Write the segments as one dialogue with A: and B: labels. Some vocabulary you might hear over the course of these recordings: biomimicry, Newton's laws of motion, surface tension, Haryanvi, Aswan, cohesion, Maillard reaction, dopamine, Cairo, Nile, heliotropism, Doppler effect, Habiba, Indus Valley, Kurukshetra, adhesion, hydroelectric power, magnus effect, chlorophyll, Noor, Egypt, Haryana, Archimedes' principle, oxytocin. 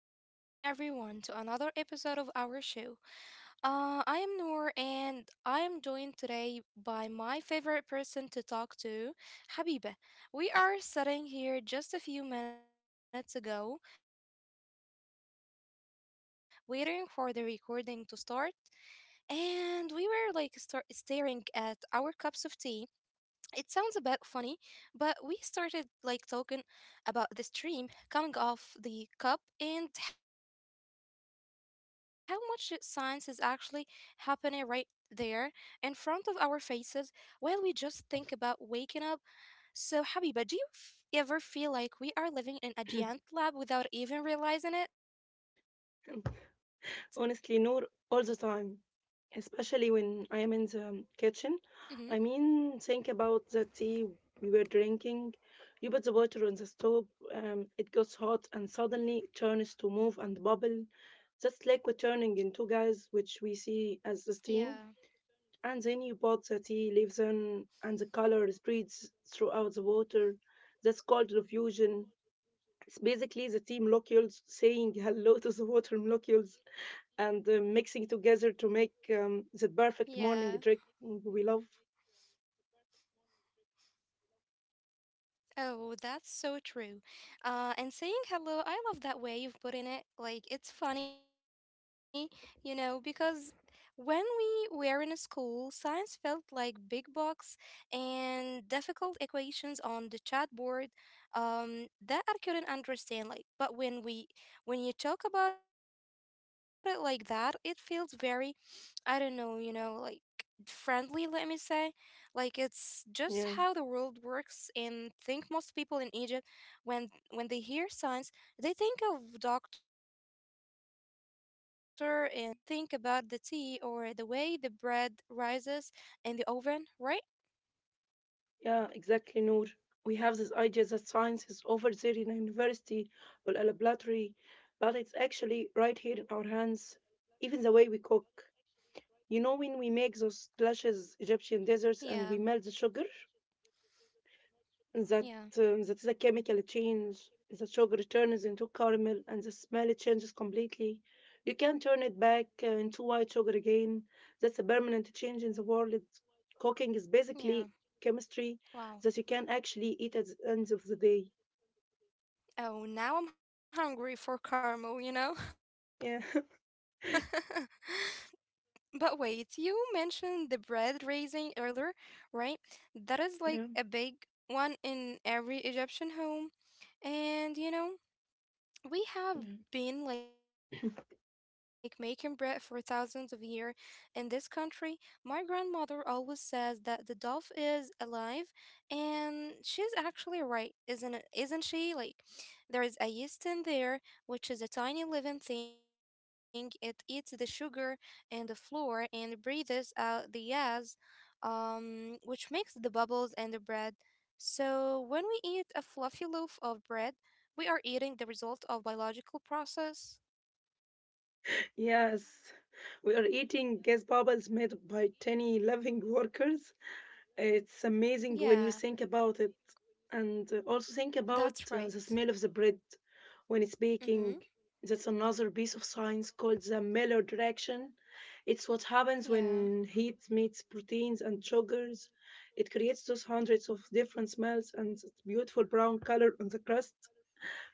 A: and welcome everyone to another episode of our show. I am Noor, and I am joined today by my favorite person to talk to, Habiba. We are sitting here just a few minutes ago, waiting for the recording to start, and we were like staring at our cups of tea. It sounds a bit funny, but we started like talking about the stream coming off the cup and how much science is actually happening right there in front of our faces while we just think about waking up. So, Habiba, do you ever feel like we are living in a giant lab without even realizing it?
B: Honestly, Noor, all the time,
A: Mm-hmm.
B: especially when I am in the kitchen. I mean, think about the tea we were drinking. You put the water on the stove, it gets hot and suddenly it turns to move and bubble. That's
A: Yeah.
B: liquid turning into gas, which we see as the steam. And then you put the tea leaves in, and the color spreads throughout the water. That's called diffusion. It's basically the tea molecules saying hello to the water molecules. And
A: Yeah.
B: mixing together to make the perfect morning drink we love.
A: Oh, that's so true. And saying hello, I love that way you've put in it. Like, it's funny because when we were in school, science felt like big books and difficult equations on the chalkboard, um, that I couldn't understand. Like, but when you talk about it like that, it feels very, I don't know, you know, like friendly, let me say. Like it's just how the world works, and think most people
B: Yeah,
A: in Egypt when when they hear science, they think of doctor in a white coat or a big rocket, you know. They don't think about the tea or the way the bread rises in the oven, right?
B: yeah, exactly, Noor. We have this idea that science is over there in a university or a laboratory, but it's actually right here in our hands. Even the way we cook. You know, when we
A: Yeah.
B: make those delicious Egyptian desserts and we melt the sugar?
A: Yeah.
B: that that the chemical change, the sugar turns into caramel, and the smell changes completely. You can turn it back into white sugar again. That's a permanent change in
A: Yeah.
B: the world. Cooking is
A: Wow.
B: basically chemistry that you can actually eat at the end of the day.
A: Oh, now I'm hungry for caramel, you know?
B: Yeah,
A: But wait, you mentioned the bread raising earlier, right? That is like a big one
B: yeah,
A: in every Egyptian home. And you know, we have been like
B: yeah.
A: making bread for thousands of years in this country. My grandmother always says that the dove is alive, and she's actually right, isn't it? Isn't she? Like there is a yeast in there, which is a tiny living thing. It eats the sugar and the flour and breathes out the gas, which makes the bubbles and the bread. So when we eat a fluffy loaf of bread, we are eating the result of biological process.
B: Yes, we are eating gas bubbles made by tiny living workers. It's
A: Yeah,
B: amazing when you think about it, and also think
A: that's
B: about
A: right.
B: the smell of the bread when it's
A: Mm-hmm.
B: baking. That's another piece of science called the Maillard reaction. It's what happens
A: Yeah.
B: when heat meets proteins and sugars. It creates those hundreds of different smells and that beautiful brown color on the crust.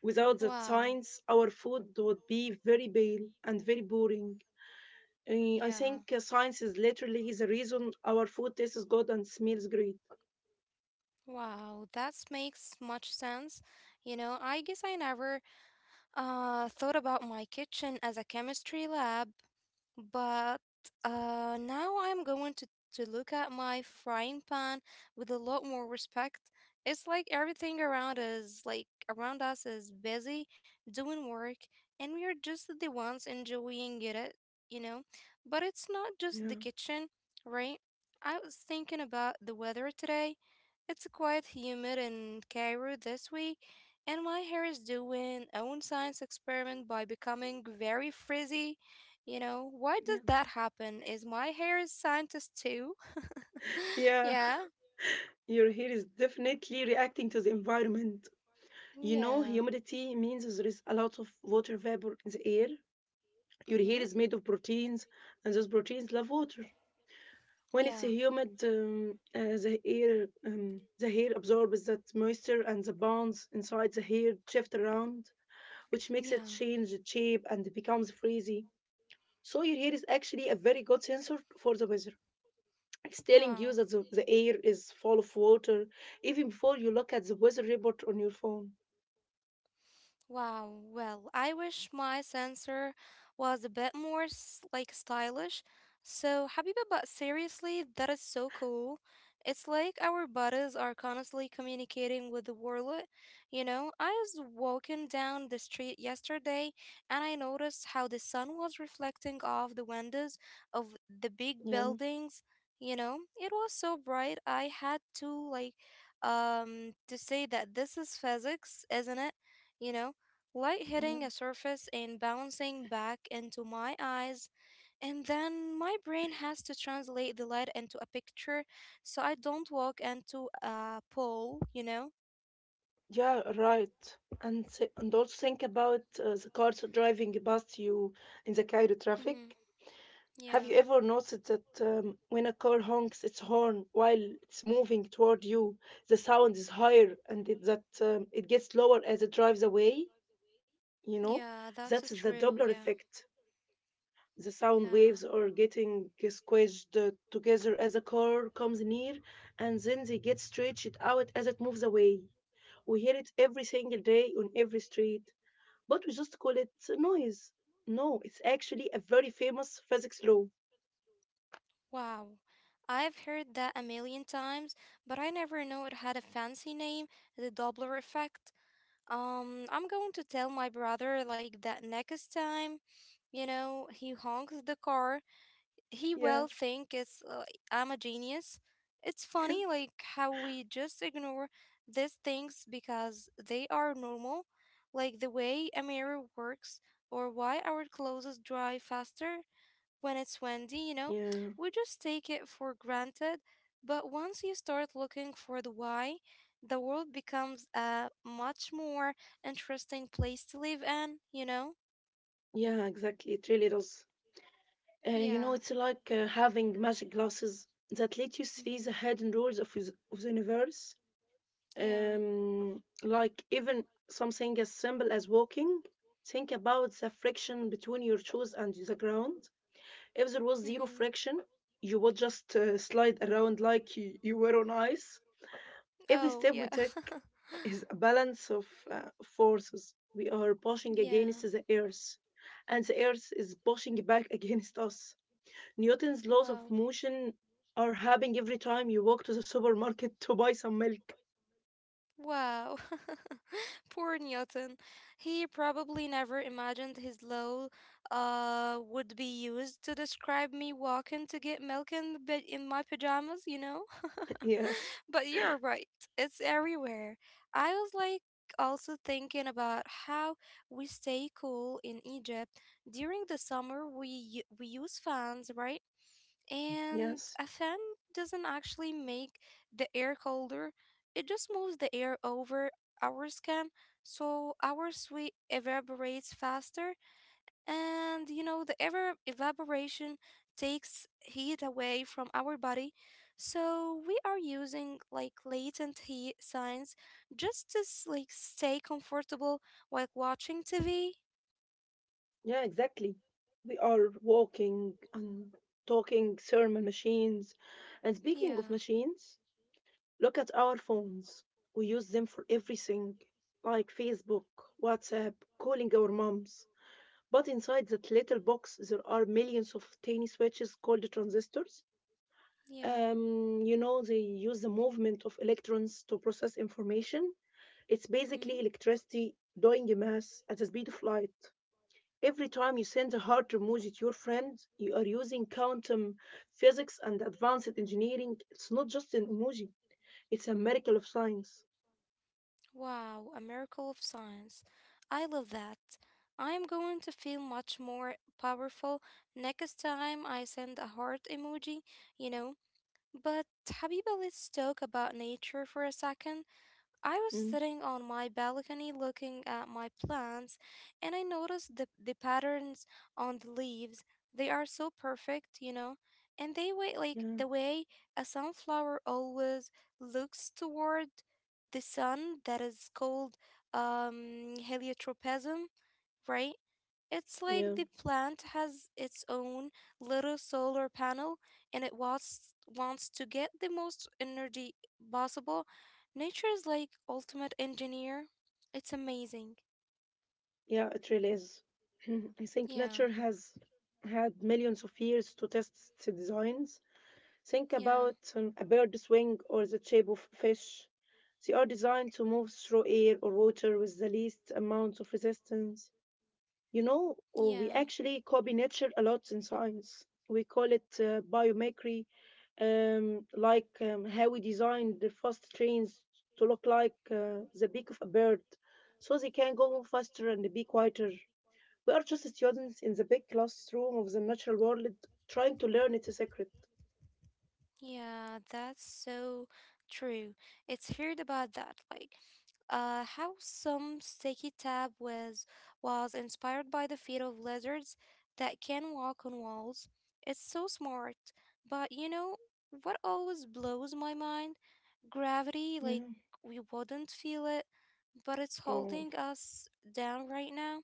B: Without that
A: Wow.
B: science, our food would be very pale and very boring. I
A: Yeah.
B: think science is literally the reason our food tastes good and smells great.
A: Wow. That makes much sense. I guess I never thought about my kitchen as a chemistry lab, but now I'm to look at my frying pan with a lot more respect. It's like everything around us, is busy doing work, and we are just the ones enjoying it, you know. But it's not just the
B: Yeah.
A: kitchen, right? I was thinking about the weather today. It's quite humid in Cairo this week, and my hair is doing own science experiment by becoming very frizzy. You know, why
B: Yeah.
A: did that happen? Is my hair a scientist too?
B: Yeah.
A: Yeah,
B: Your hair is definitely reacting to the environment. You know,
A: yeah,
B: humidity means there is a lot of water vapor in the air. Your
A: mm-hmm,
B: hair is made of proteins, and those proteins love water. When it's
A: yeah,
B: humid, the hair absorbs that moisture, and the bonds inside the hair shift around, which makes
A: yeah.
B: it change shape and becomes frizzy. So your hair is actually a very good sensor for the weather. It's telling you
A: Wow.
B: that the air is full of water even before you look at the weather report on your phone.
A: Wow, well, I wish my sensor was a bit more like stylish. So, Habiba, but seriously, that is so cool. It's like our bodies are constantly communicating with the world. You know, I was walking down the street yesterday and I noticed how the sun was reflecting off the windows of the big
B: Yeah,
A: buildings. You know, it was so bright. I had to like to say that this is physics, isn't it? You know, light
B: yeah,
A: hitting a surface and bouncing back into my eyes. And then my brain has to translate the light into a picture so I don't walk into a pole, you know?
B: yeah, right. And also think about the cars driving past you in the Cairo traffic.
A: Hmm.
B: Have
A: Yeah,
B: you ever noticed that when a car honks its horn while it's moving toward you, the sound is higher and it gets lower as it drives away? You know,
A: yeah, that's
B: that's the
A: true.
B: Doppler
A: Yeah,
B: effect. The sound
A: yeah.
B: waves are getting squished together as a car comes near, and then they get stretched out as it moves away. We hear it every single day on every street, but we just call it noise. No, it's actually a very famous physics law.
A: Wow. I've heard that a million times, but I never knew it had a fancy name, the Doppler effect. I'm going to tell my brother like that next time, you know, he honks the car, he will
B: Yeah,
A: think it's I'm a genius. It's funny like how we just ignore these things because they are normal, like the way a mirror works or why our clothes dry faster when it's windy, you know.
B: yeah,
A: We just take it for granted, but once you start looking for the why, the world becomes a much more interesting place to live in, you know?
B: yeah, exactly. It really does. You
A: Yeah.
B: know, it's like having magic glasses that let you see
A: Mhm.
B: the hidden rules of the universe.
A: Yeah.
B: Like even something as simple as walking. Think about the friction between your shoes and the ground. If there was
A: Mhm.
B: zero friction, you would just slide around like you were on ice. Every
A: Oh,
B: step
A: yeah.
B: we take is a balance of forces. We are pushing
A: Yeah.
B: against the earth, and the earth is pushing back against us. Newton's laws of
A: Wow.
B: motion are happening every time you walk to the supermarket to buy some milk.
A: Wow. Poor Newton. He probably never imagined his law would be used to describe me walking to get milk in the bed in my pajamas, you know?
B: Yeah.
A: But you're right. It's everywhere. I was like also thinking about how we stay cool in Egypt. During the summer we we use fans, right? And
B: Yes.
A: a fan doesn't actually make the air colder, it just moves the air over our skin so our sweat evaporates faster. And you know, the ever evaporation takes heat away from our body. So we are using like latent heat signs just to like stay comfortable while watching TV.
B: Yeah, exactly. We are walking and talking thermal machines. And speaking
A: Yeah,
B: of machines, look at our phones. We use them for everything, like Facebook, WhatsApp, calling our moms. But inside that little box, there are millions of tiny switches called transistors.
A: yeah.
B: You know, they use the movement of electrons to process information. It's basically
A: Mm-hmm.
B: electricity doing a mass at the speed of light. Every time you send a heart emoji to your friend, you are using quantum physics and advanced engineering. It's not just an emoji, it's a miracle of science.
A: Wow, a miracle of science. I love that. I am going to feel much more powerful next time I send a heart emoji, you know. But Habiba, let's talk about nature for a second. I was
B: Mm,
A: sitting on my balcony looking at my plants, and I noticed the patterns on the leaves. They are so perfect, you know, and they wait like
B: yeah,
A: the way a sunflower always looks toward the sun. That is called heliotropism, right? It's like
B: yeah.
A: the plant has its own little solar panel, and it wants to get the most energy possible. Nature is like ultimate engineer. It's amazing.
B: Yeah, it really is. I think
A: Yeah.
B: nature has had millions of years to test its designs. Think
A: Yeah.
B: about a bird's wing or the shape of a fish. They are designed to move through air or water with the least amount of resistance. You know, we
A: Yeah.
B: actually copy nature a lot in science. We call it biomimicry, like how we designed the fast trains to look like the beak of a bird so they can go faster and be quieter. We are just students in the big classroom of the natural world trying to learn its secret.
A: Yeah, that's so true. It's heard about that, like how some sticky tab was inspired by the feet of lizards that can walk on walls. It's so smart, but you know what always blows my mind? Gravity, like
B: Yeah.
A: we wouldn't feel it, but it's
B: Oh,
A: holding us down right now.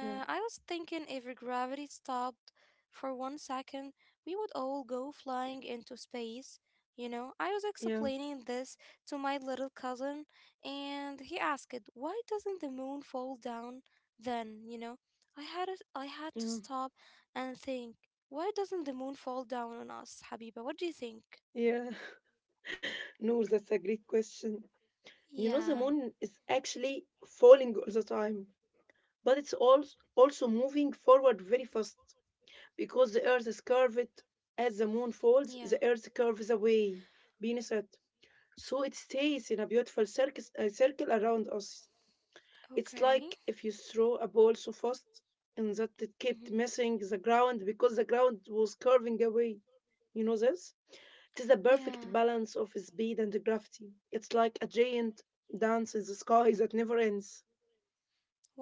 B: yeah,
A: I was thinking if gravity stopped for 1 second, we would all go flying into space. You know, I was
B: yeah,
A: explaining this to my little cousin, and he asked, "Why doesn't the moon fall down then?" You know, I had to
B: yeah,
A: stop and think. Why doesn't the moon fall down on us, Habiba? What do you think?
B: yeah. No, that's a great question. You know, the
A: Yeah,
B: moon is actually falling all the time, but it's also moving forward very fast. Because the earth is curved, as the moon falls
A: yeah,
B: the earth curves away. Venus it, so it stays in a beautiful circle around us. It's like
A: okay.
B: if you throw a ball so fast and that it kept
A: Mm-hmm.
B: missing the ground because the ground was curving away. You know this, it is a perfect
A: Yeah,
B: balance of speed and gravity. It's like a giant dance in the sky that never ends.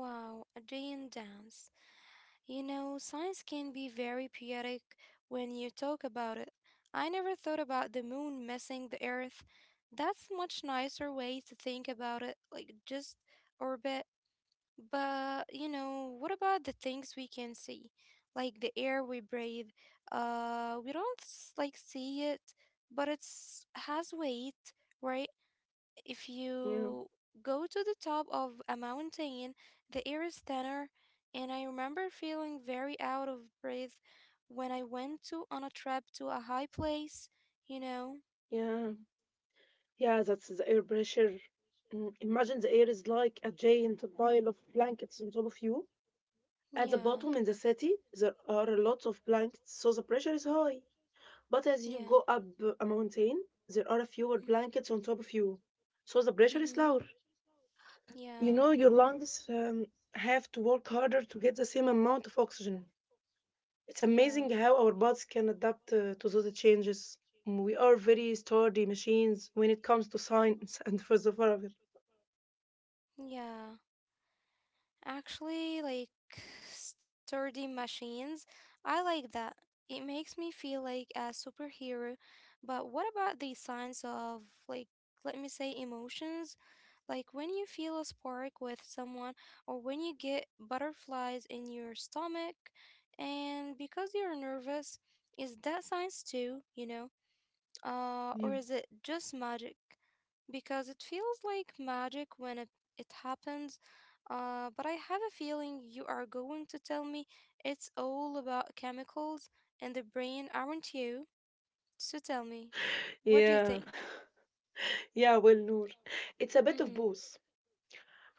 A: wow, a day in dance. You know, science can be very poetic when you talk about it. I never thought about the moon missing the earth. That's much nicer way to think about it, like just orbit. But, you know, what about the things we can see? Like the air we breathe. We don't like see it, but it's has weight, right? If
B: Yeah,
A: you go to the top of a mountain, the air is thinner, and I remember feeling very out of breath when I went to on a trip to a high place, you know?
B: yeah, yeah, that's the air pressure. Imagine the air is like a giant pile of blankets on top of you. At the
A: Yeah,
B: bottom in the city, there are a lot of blankets, so the pressure is high. But as you go
A: yeah.
B: up a mountain, there are fewer blankets on top of you, so the pressure is lower.
A: Mm-hmm.
B: You know,
A: Yeah,
B: your lungs have to work harder to get the same amount of oxygen. It's amazing
A: yeah,
B: how our bodies can adapt to those changes. We are very sturdy machines when it comes to science and philosophy.
A: yeah. Actually, like sturdy machines, I like that. It makes me feel like a superhero. But what about the signs of, like, let me say, emotions? Like when you feel a spark with someone, or when you get butterflies in your stomach, and because you're nervous, is that science too, you know? Or
B: Yeah.
A: is it just magic? Because it feels like magic when it happens, but I have a feeling you are going to tell me it's all about chemicals and the brain, aren't you? So tell me, what do you
B: Yeah,
A: think?
B: yeah, well, Noor, it's a bit of
A: Mm-hmm.
B: both.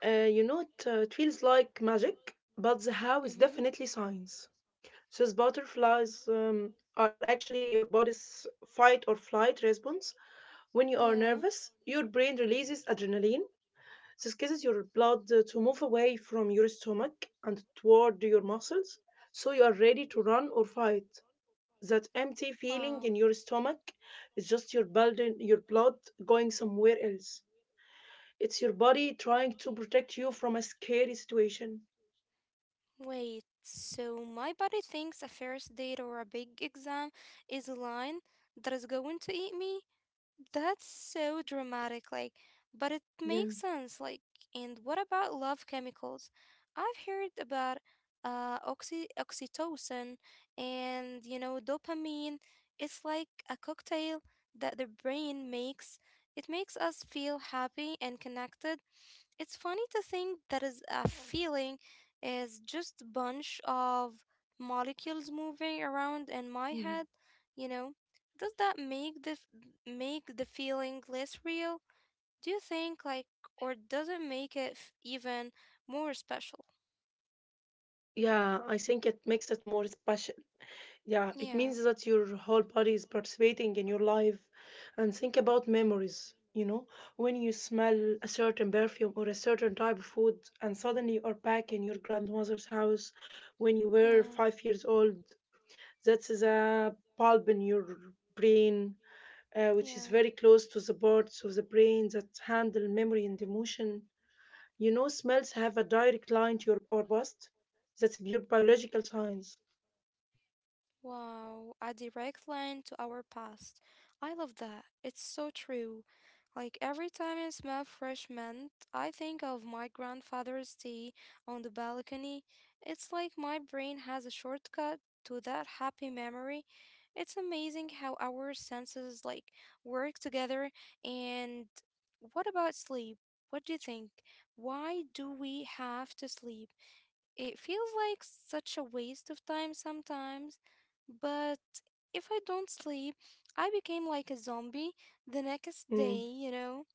B: You know, it feels like magic, but the how is
A: Mm-hmm.
B: definitely science. These butterflies are actually your body's fight or flight response. When you are
A: Yeah.
B: nervous, your brain releases adrenaline. This causes your blood to move away from your stomach and toward your muscles, so you are ready to run or fight. That empty
A: Wow.
B: feeling in your stomach is just your blood going somewhere else. It's your body trying to protect you from a scary situation.
A: Wait, so my body thinks a first date or a big exam is a lion that is going to eat me? That's so dramatic, like, but it
B: Yeah,
A: makes sense. Like, and what about love chemicals? I've heard about oxytocin and you know dopamine. It's like a cocktail that the brain makes. It makes us feel happy and connected. It's funny to think that is a feeling is just a bunch of molecules moving around in my
B: yeah.
A: head. You know, does that make the feeling less real? Do you think, like, or does it make it even more special?
B: Yeah, I think it makes it more special. Yeah, it
A: Yeah,
B: means that your whole body is participating in your life. And think about memories. You know, when you smell a certain perfume or a certain type of food, and suddenly you are back in your grandmother's house when you were
A: yeah,
B: 5 years old, that's a bulb in your brain, which is
A: yeah.
B: very close to the parts of the brain that handle memory and emotion. You know, smells have a direct line to your our past. That's your biological signs.
A: Wow, a direct line to our past. I love that. It's so true. Like every time I smell fresh mint, I think of my grandfather's tea on the balcony. It's like my brain has a shortcut to that happy memory. It's amazing how our senses like work together. And what about sleep? What do you think? Why do we have to sleep? It feels like such a waste of time sometimes, but if I don't sleep, I became like a zombie the next
B: Mm,
A: day, you know?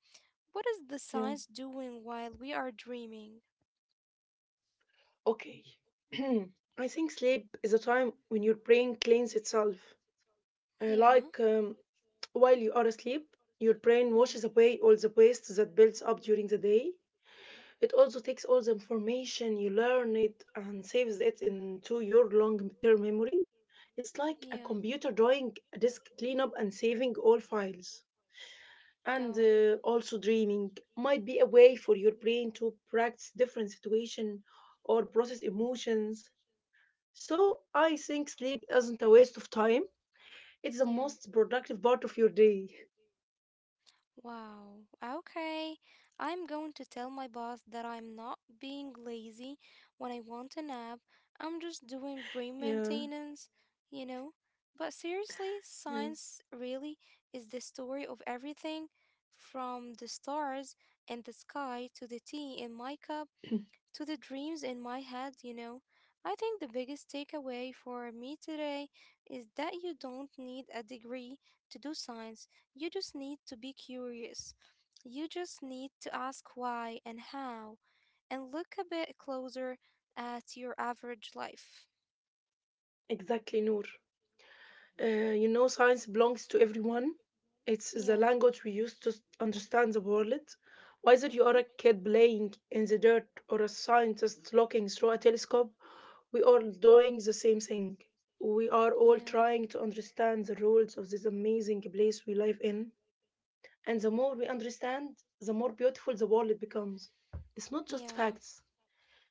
A: What is the
B: yeah.
A: science doing while we are dreaming?
B: Okay. I think sleep is a time when your brain cleans itself.
A: Yeah.
B: Like while you are asleep, your brain washes
A: Hmm.
B: away all the waste that builds up during the day. It also takes all the information you learn it and saves it into your long-term memory. It's like a
A: Yeah.
B: computer doing a disk cleanup and saving all files. and
A: Oh,
B: uh, also dreaming might be a way for your brain to practice different situation or process emotions, so I think sleep isn't a waste of time. It's the
A: yeah.
B: most productive part of your day.
A: Wow. Okay. I'm going to tell my boss that I'm not being lazy when I want a nap. I'm just doing brain
B: Yeah,
A: maintenance, you know? But seriously,
B: yeah.
A: science really is the story of everything from the stars and the sky to the tea in my cup to the dreams in my head, you know. I think the biggest takeaway for me today is that you don't need a degree to do science. You just need to be curious. You just need to ask why and how and look a bit closer at your average life.
B: Exactly, Noor. You know, science belongs to everyone. It's the
A: Yeah.
B: language we use to understand the world. Whether you are a
A: Mhm.
B: kid playing in the dirt or a scientist looking through a telescope, we are doing the same thing. We are all
A: Yeah.
B: trying to understand the rules of this amazing place we live in. And the more we understand, the more beautiful the world becomes. It's not just
A: Yeah.
B: facts,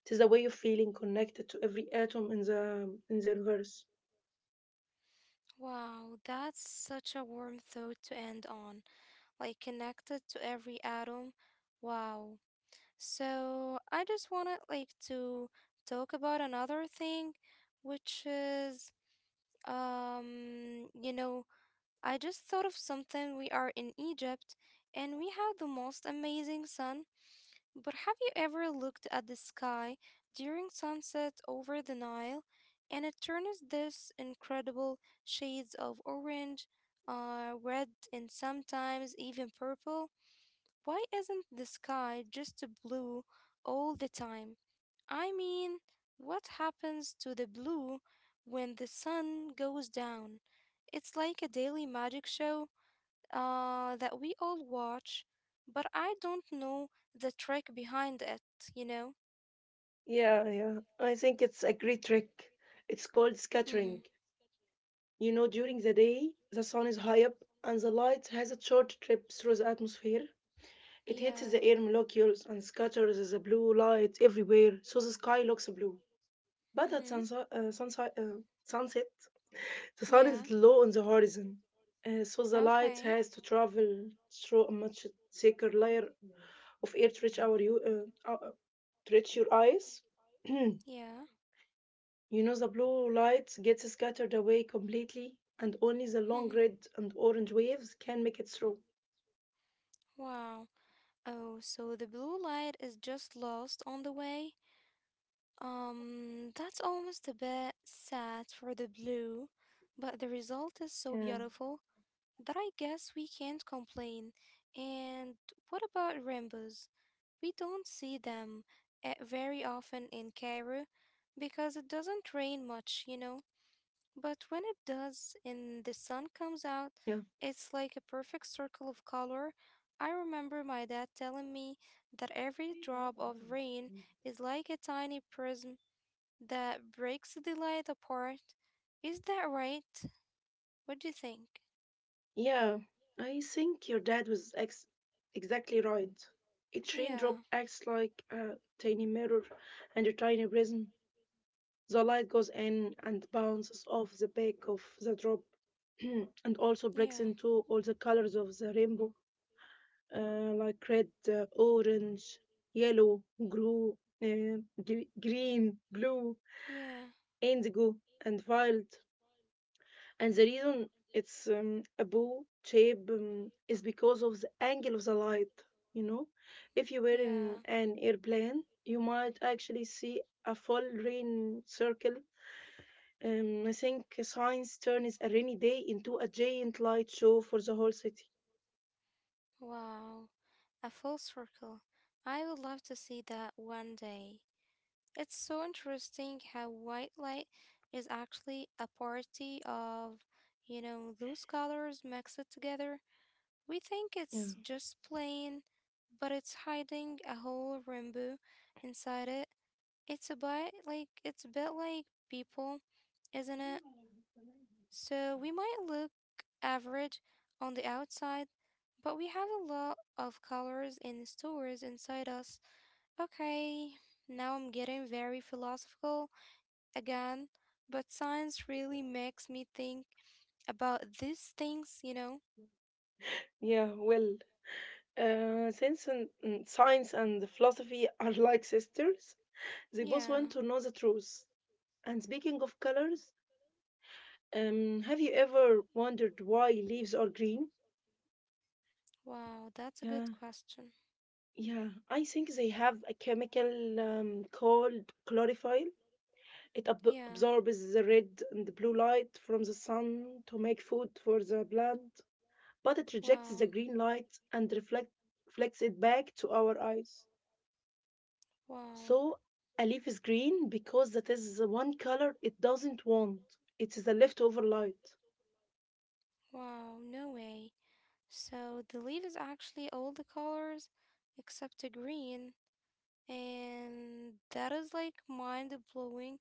B: it is a way of feeling connected to every atom in the universe.
A: Wow, that's such a warm thought to end on. Like connected to every atom. Wow. So I just wanted to talk about another thing, which is um you know, I just thought of something. We are in Egypt and we have the most amazing sun. But have you ever looked at the sky during sunset over the Nile and it turns this incredible shades of orange, red, and sometimes even purple? Why isn't the sky just blue all the time? I mean, what happens to the blue when the sun goes down? It's like a daily magic show that we all watch, but I don't know the trick behind it, you know?
B: Yeah, yeah. I think it's a great trick. It's called
A: Mm-hmm.
B: scattering. You know, during the day, the sun is high up and the light has a short trip through the atmosphere. It hits
A: Yeah.
B: the air molecules and scatters the blue light everywhere, so the sky looks blue. But at
A: Mm-hmm.
B: sunset, the sun
A: Yeah.
B: is low on the horizon, so the light
A: Okay.
B: has to travel through a much thicker layer of air to reach your eyes.
A: Yeah.
B: You know, the blue light gets scattered away completely, and only the long
A: Mm-hmm.
B: red and orange waves can make it through.
A: Wow. Oh, so the blue light is just lost on the way? That's almost a bit sad for the blue, but the result is so
B: Yeah,
A: beautiful that I guess we can't complain. And what about rainbows? We don't see them very often in Cairo because it doesn't rain much, you know. But when it does
B: yeah,
A: and the sun comes out, it's like a perfect circle of color. I remember my dad telling me that every drop of rain is like a tiny prism that breaks the light apart. Is that right? What do you think?
B: yeah. I think your dad was exactly right. Each raindrop
A: Yeah,
B: acts like a tiny mirror and a tiny prism. The light goes in and bounces off the back of the drop and also
A: yeah,
B: breaks into all the colors of the rainbow. Like red, orange, yellow, green, uh, green, blue,
A: yeah.
B: indigo, and violet. And the reason it's a bow shape is because of the angle of the light. You know, if you were in
A: Yeah.
B: an airplane, you might actually see a full rain circle. I think science turns a rainy day into a giant light show for the whole city.
A: Wow. A full circle. I would love to see that one day. It's so interesting how white light is actually a party of, you know, those colors mixed together. We think
B: Yeah.
A: it's just plain, but it's hiding a whole rainbow inside it. It's a bit like people, isn't it? So we might look average on the outside, but we have a lot of colors and stories inside us. Okay, now I'm getting very philosophical again, but science really makes me think about these things?
B: Yeah, well, science and philosophy are like sisters, they both
A: Yeah,
B: want to know the truth. And speaking of colors, have you ever wondered why leaves are green?
A: wow, that's a good
B: Yeah,
A: question.
B: yeah. I think they have a chemical called chlorophyll. It
A: Yeah,
B: absorbs the red and the blue light from the sun to make food for the plant, but it rejects the
A: wow.
B: green light and reflects it back to our eyes.
A: Wow,
B: So a leaf is green because that is the one color it doesn't want. It is a leftover light.
A: wow, no way. So the leaf is actually all the colors except the green. And that is like mind blowing.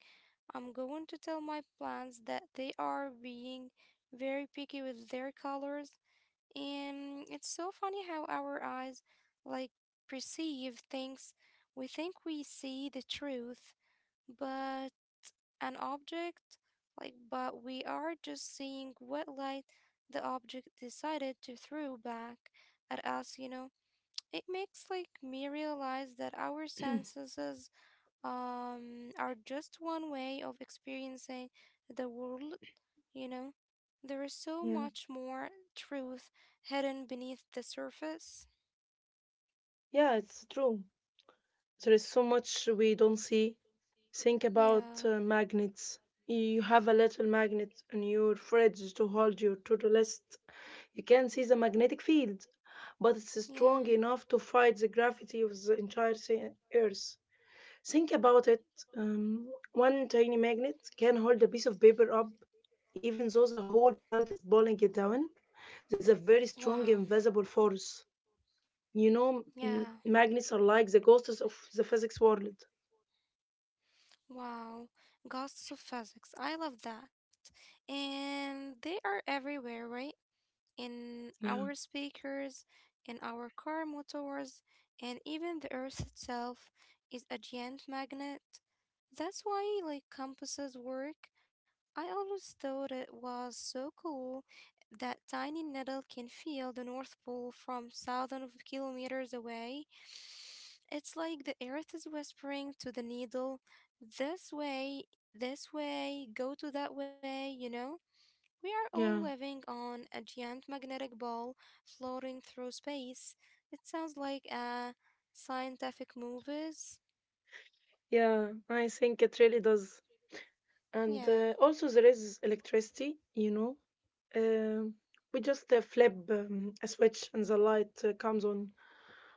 A: I'm going to tell my plants that they are being very picky with their colors, and it's so funny how our eyes like perceive things. We think we see the truth, but an object, like, but we are just seeing what light the object decided to throw back at us, you know. It makes me realize that our senses are just one way of experiencing the world, you know? There is so
B: Yeah.
A: much more truth hidden beneath the surface.
B: Yeah, it's true. There is so much we don't see. Think about
A: Yeah,
B: magnets. You have a little magnet in your fridge to hold your to-do list. You can see the magnetic field, but it's strong
A: yeah.
B: enough to fight the gravity of the entire Earth. Think about it. Um, One tiny magnet can hold a piece of paper up, even though the whole plant is pulling it down. That's a very strong
A: Wow.
B: invisible force. You know,
A: Yeah.
B: magnets are like the ghosts of the physics world.
A: Wow. Ghosts of physics. I love that. And they are everywhere, right? In our
B: Yeah,
A: speakers, in our car motors, and even the earth itself is a giant magnet. That's why compasses work. I always thought it was so cool that tiny needle can feel the North Pole from thousands of kilometers away. It's like the earth is whispering to the needle, this way, this way, go to that way, you know? We are all
B: yeah,
A: living on a giant magnetic ball floating through space. It sounds like a scientific movies.
B: yeah. I think it really does. And
A: Yeah,
B: also, there is electricity, you know. Um we just flip a switch and the light comes on.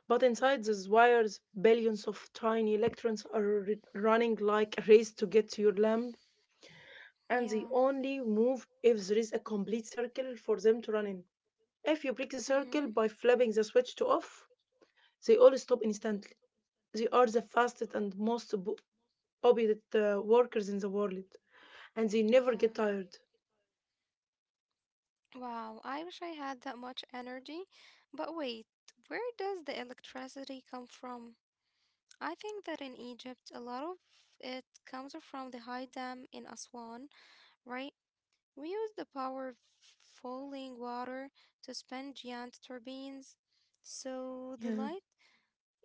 B: But inside these wires, billions of tiny electrons are running like a race to get to your lamp, and
A: yeah,
B: they only move if there is a complete circle for them to run in. If you break the
A: mm-hmm,
B: circle by flipping the switch to off, they all stop instantly. They are the fastest and most obedient workers in the world and they never get
A: yeah.
B: tired.
A: Wow, I wish I had that much energy. But wait, where does the electricity come from? I think that in Egypt, a lot of it comes from the high dam in Aswan, right? We use the power of falling water to spin giant turbines. So the
B: Yeah,
A: light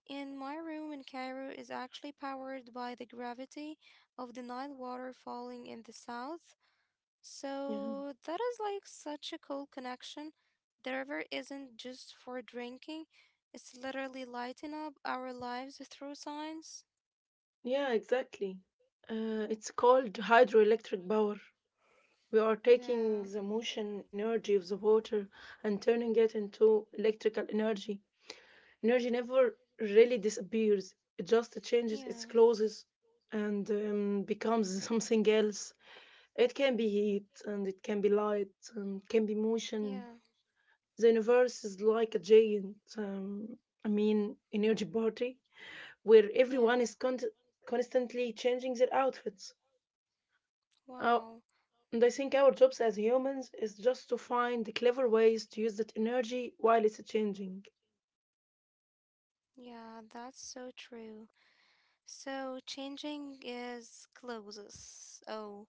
A: in my room in Cairo is actually powered by the gravity of the Nile water falling in the south.
B: yeah,
A: So that is like such a cool connection. The river isn't just for drinking, it's literally lighting up our lives through science.
B: yeah, exactly. It's called hydroelectric power. We are
A: Yeah,
B: taking the motion energy of the water and turning it into electrical energy. Energy never really disappears, it just changes its
A: yeah,
B: clothes and becomes something else. It can be heat and it can be light and it can be motion.
A: yeah,
B: The universe is like a giant, energy party where everyone
A: yeah.
B: is constantly changing their outfits. Uh,
A: Wow.
B: and I think our jobs as humans is just to find the clever ways to use that energy while it's changing.
A: Yeah, that's so true. So changing is closes. Oh,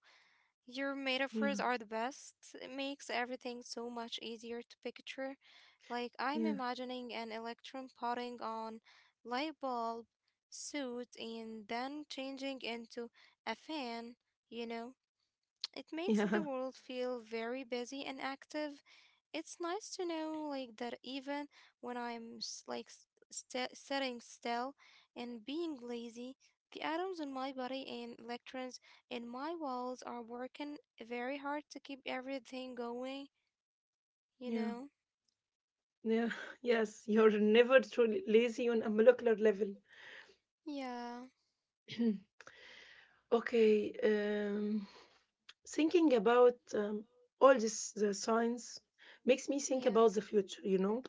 A: your
B: Yeah,
A: metaphors are the best. It makes everything so much easier to picture. Like I'm
B: yeah,
A: imagining an electron putting on light bulb suit and then changing into a fan, you know? It makes
B: yeah,
A: the world feel very busy and active. It's nice to know that even when I'm sitting still and being lazy, the atoms in my body and electrons in my walls are working very hard to keep everything going, you
B: yeah.
A: know?
B: Yeah, yes, you're never truly lazy on a molecular level.
A: Yeah.
B: Okay, thinking about all this the science makes me think
A: Yeah.
B: about the future. You know,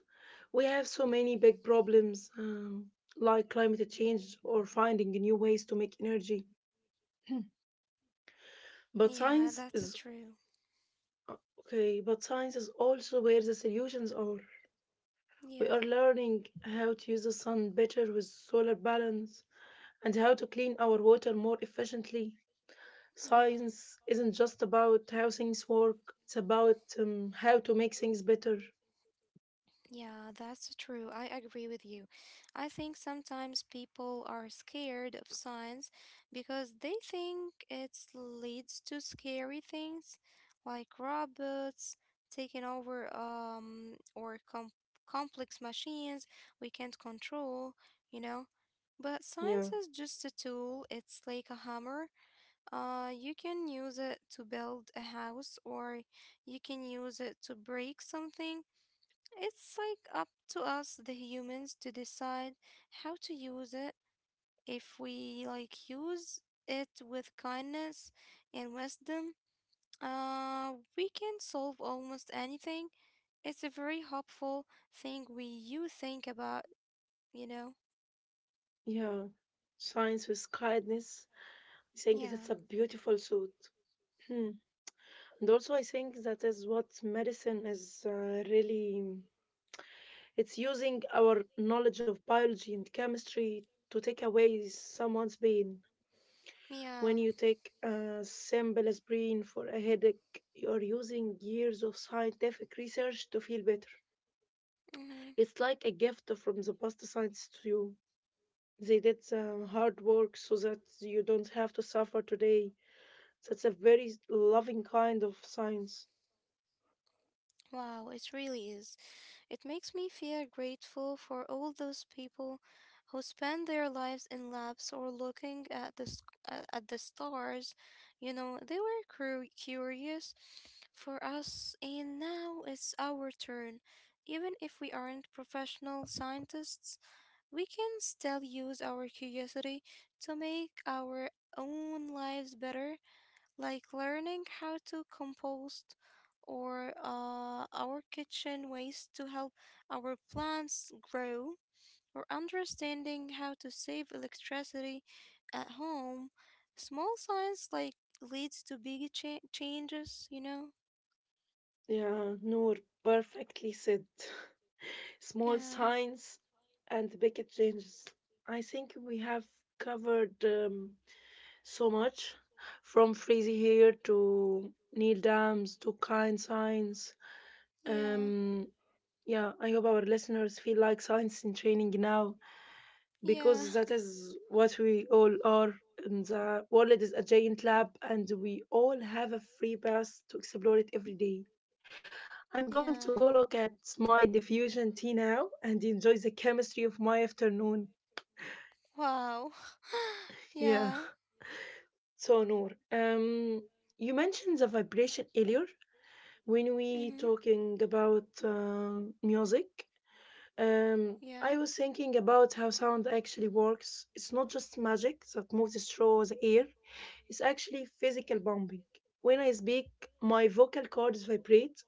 B: we have so many big problems like climate change or finding new ways to make energy. But
A: Yeah,
B: science
A: that's a
B: is
A: true.
B: uh, okay. But science is also where the solutions are. We are
A: Yeah.
B: learning how to use the sun better with solar balance, and how to clean our water more efficiently.
A: Yeah.
B: Science isn't just about how things work, it's about how to make things better.
A: Yeah, that's true. I agree with you. I think sometimes people are scared of science because they think it leads to scary things like robots taking over or complex machines we can't control, you know. But science
B: Yeah,
A: is just a tool. It's like a hammer. You can use it to build a house or you can use it to break something. It's up to us, the humans, to decide how to use it. If we use it with kindness and wisdom, we can solve almost anything. It's a very hopeful thing we you think about, you know?
B: yeah. Science with kindness. I think that's
A: Yeah,
B: a beautiful thought. Hmm. And also, I think that is what medicine is really. It's using our knowledge of biology and chemistry to take away someone's pain. When
A: yeah.
B: you take simple aspirin for a headache, you are using years of scientific research to feel better.
A: Mm-hmm.
B: It's like a gift from the past science to you. They did the hard work so that you don't have to suffer today. That's a very loving kind of science.
A: Wow, it really is. It makes me feel grateful for all those people who spend their lives in labs or looking at the at the stars. You know, they were curious for us, and now it's our turn. Even if we aren't professional scientists, we can still use our curiosity to make our own lives better like learning how to compost or our kitchen waste to help our plants grow, or understanding how to save electricity at home. Small science leads to big changes, you know?
B: Yeah, Noor, perfectly said. Small
A: Yeah,
B: signs and big changes. I think we have covered. So much from Freezy Hair to Neil Dams to Kind Science.
A: yeah,
B: Um, yeah, I hope our listeners feel like science in training now
A: yeah,
B: because that is what we all are. And the world is a giant lab, and we all have a free pass to explore it every day. I'm going
A: yeah.
B: to go look at my diffusion tea now and enjoy the chemistry of my afternoon.
A: Wow.
B: Yeah,
A: yeah.
B: so Noor, you mentioned the vibration earlier, when
A: Mhm.
B: we talking about music,
A: Yeah.
B: I was thinking about how sound actually works. It's not just magic that moves through the air. It's actually physical bumping. When I speak, my vocal cords vibrate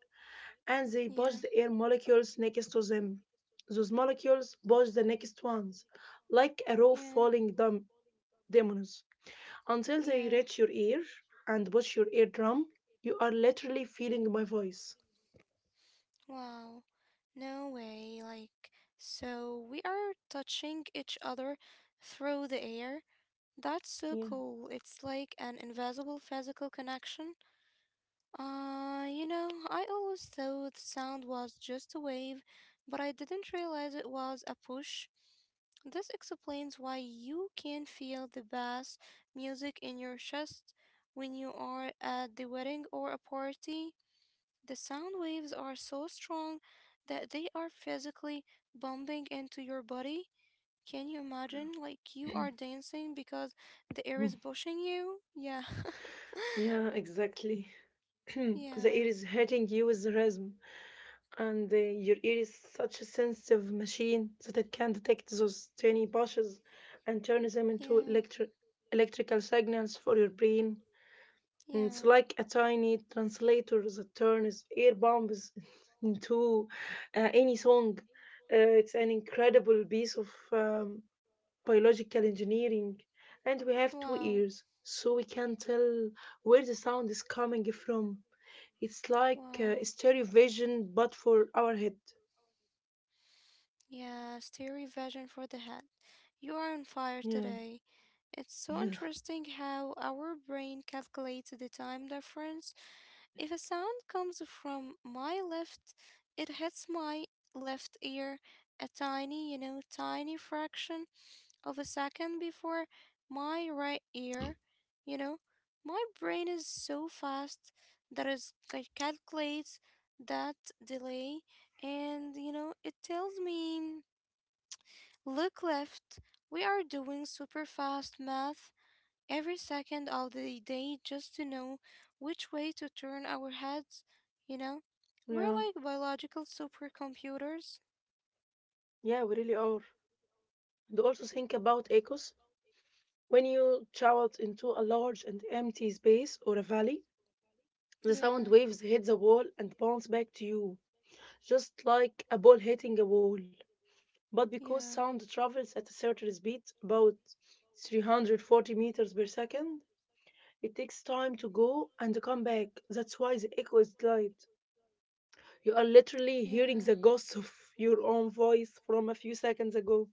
B: and they
A: Yeah,
B: push the air molecules next to them. Those molecules push the next ones, like a row
A: yeah,
B: falling dominoes, until they
A: yeah.
B: reach your ear and push your eardrum. You are literally feeling my voice.
A: Wow. No way, like, so we are touching each other through the air? That's so
B: Yeah.
A: cool. It's like an invisible physical connection. You know, I always thought sound was just a wave, but I didn't realize it was a push. This explains why you can feel the bass music in your chest when you are at the wedding or a party. The sound waves are so strong that they are physically bumping into your body. Can you imagine? Like you are dancing because the air is pushing you? Yeah.
B: Yeah, exactly. The
A: yeah.
B: ear is hitting you with the rhythm, and your ear is such a sensitive machine that it can detect those tiny pushes and turn them into
A: Yeah.
B: electrical signals for your brain. And it's
A: Yeah.
B: like a tiny translator that turns ear bombs into any song. Uh, it's an incredible piece of biological engineering, and we have two
A: Wow.
B: ears, so we can tell where the sound is coming from. It's like
A: Wow.
B: stereo vision, but for our head.
A: Yeah, stereo vision for the head. You are on fire
B: Yeah,
A: today. It's so
B: yeah,
A: interesting how our brain calculates the time difference. If a sound comes from my left, it hits my left ear a tiny, you know, tiny fraction of a second before my right ear. You know, my brain is so fast that it calculates that delay and you know it tells me look left. We are doing super fast math every second of the day just to know which way to turn our heads, you know? We're
B: yeah,
A: like biological supercomputers.
B: yeah, we really are. And also think about echoes. When you shout into a large and empty space or a valley, the sound
A: Yeah,
B: waves hit the wall and bounce back to you, just like a ball hitting a wall. But because
A: yeah,
B: sound travels at a certain speed, about 340 meters per second, it takes time to go and come back. That's why the echo is light. You are literally hearing
A: yeah.
B: the ghost of your own voice from a few seconds ago.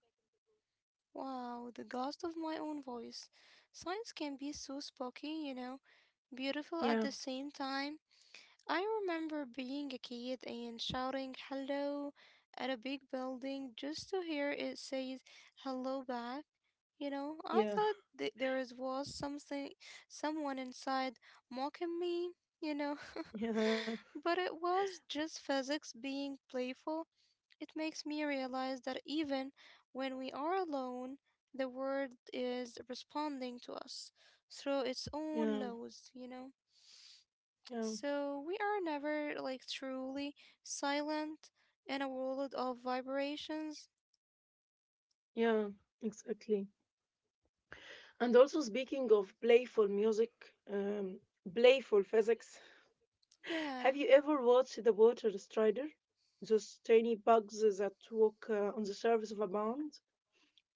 A: Wow, the ghost of my own voice. Science can be so spooky, you know, beautiful at
B: Yeah,
A: the same time. I remember being a kid and shouting hello at a big building just to hear it say hello back. You know, I
B: yeah,
A: thought there is was something, someone inside mocking me, you know,
B: yeah,
A: but it was just physics being playful. It makes me realize that even when we are alone, the world is responding to us through its own
B: yeah,
A: laws, you know.
B: yeah,
A: So we are never truly silent in a world of vibrations.
B: yeah, exactly. And also, speaking of playful music, um, playful physics.
A: Yeah.
B: Have you ever watched the water strider? Those tiny bugs that walk on the surface of a pond?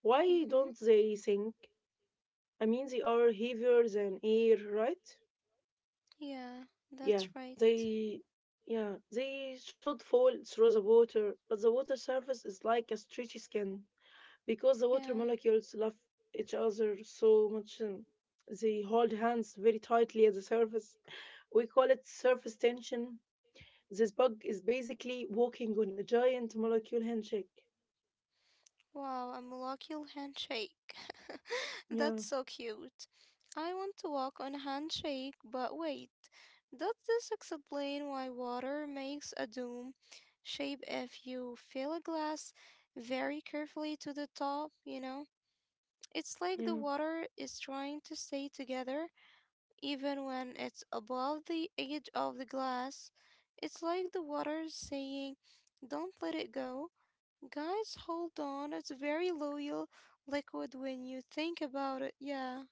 B: Why
A: Mm-hmm.
B: don't they sink? I mean, they are heavier than air, right?
A: Yeah,
B: Yeah,
A: that's right.
B: they. Yeah, they should fall through the water, but the water surface is like a stretchy skin because the water
A: Yeah.
B: molecules love each other so much. They hold hands very tightly at the surface. We call it surface tension. This bug is basically walking on a giant molecule handshake.
A: Wow, a molecular handshake. That's
B: Yeah,
A: so cute. I want to walk on handshake, but wait. Does this explain why water makes a dome shape if you fill a glass very carefully to the top, you know? It's like the
B: yeah,
A: water is trying to stay together even when it's above the edge of the glass. It's like the water is saying, don't let it go. Guys, hold on. It's a very loyal liquid when you think about it. Yeah.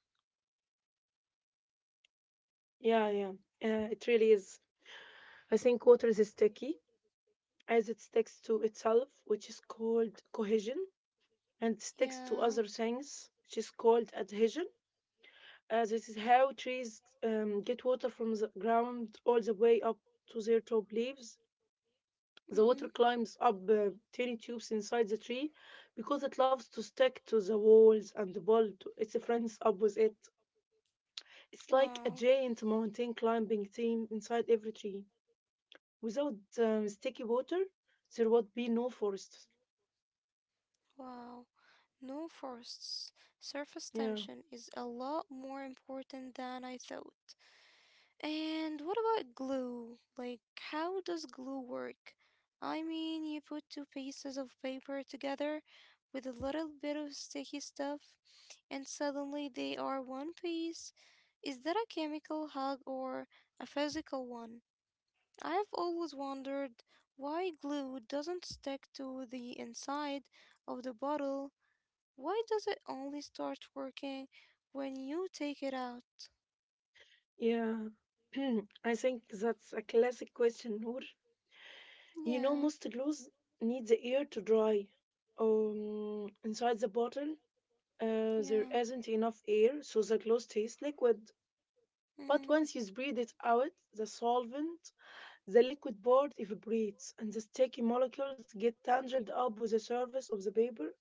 B: yeah, yeah. It really is. I think water is sticky as it sticks to itself, which is called cohesion, and sticks to
A: Yeah.
B: other things, which is called adhesion. This is how trees get water from the ground all the way up to their top leaves. The
A: Mm-hmm.
B: water climbs up tiny tubes inside the tree because it loves to stick to the walls and the bulb. Its friends up with it. It's like a
A: Wow.
B: giant mountain climbing team inside every tree. Without sticky water, there would be no forests.
A: Wow. No forests. Surface
B: Yeah,
A: tension is a lot more important than I thought. And what about glue? Like, how does glue work? I mean, you put two pieces of paper together with a little bit of sticky stuff, and suddenly they are one piece. Is that a chemical hug or a physical one? I've always wondered why glue doesn't stick to the inside of the bottle. Why does it only start working when you take it out?
B: yeah. I think that's a classic question, Noor. You
A: Yeah,
B: know, most glues need the air to dry. Inside the bottle, there
A: yeah.
B: isn't enough air, so the glue stays liquid. But
A: Mm-hmm.
B: once you spread it out, the solvent, the liquid part evaporates, and the sticky molecules get tangled up with the surface of the paper.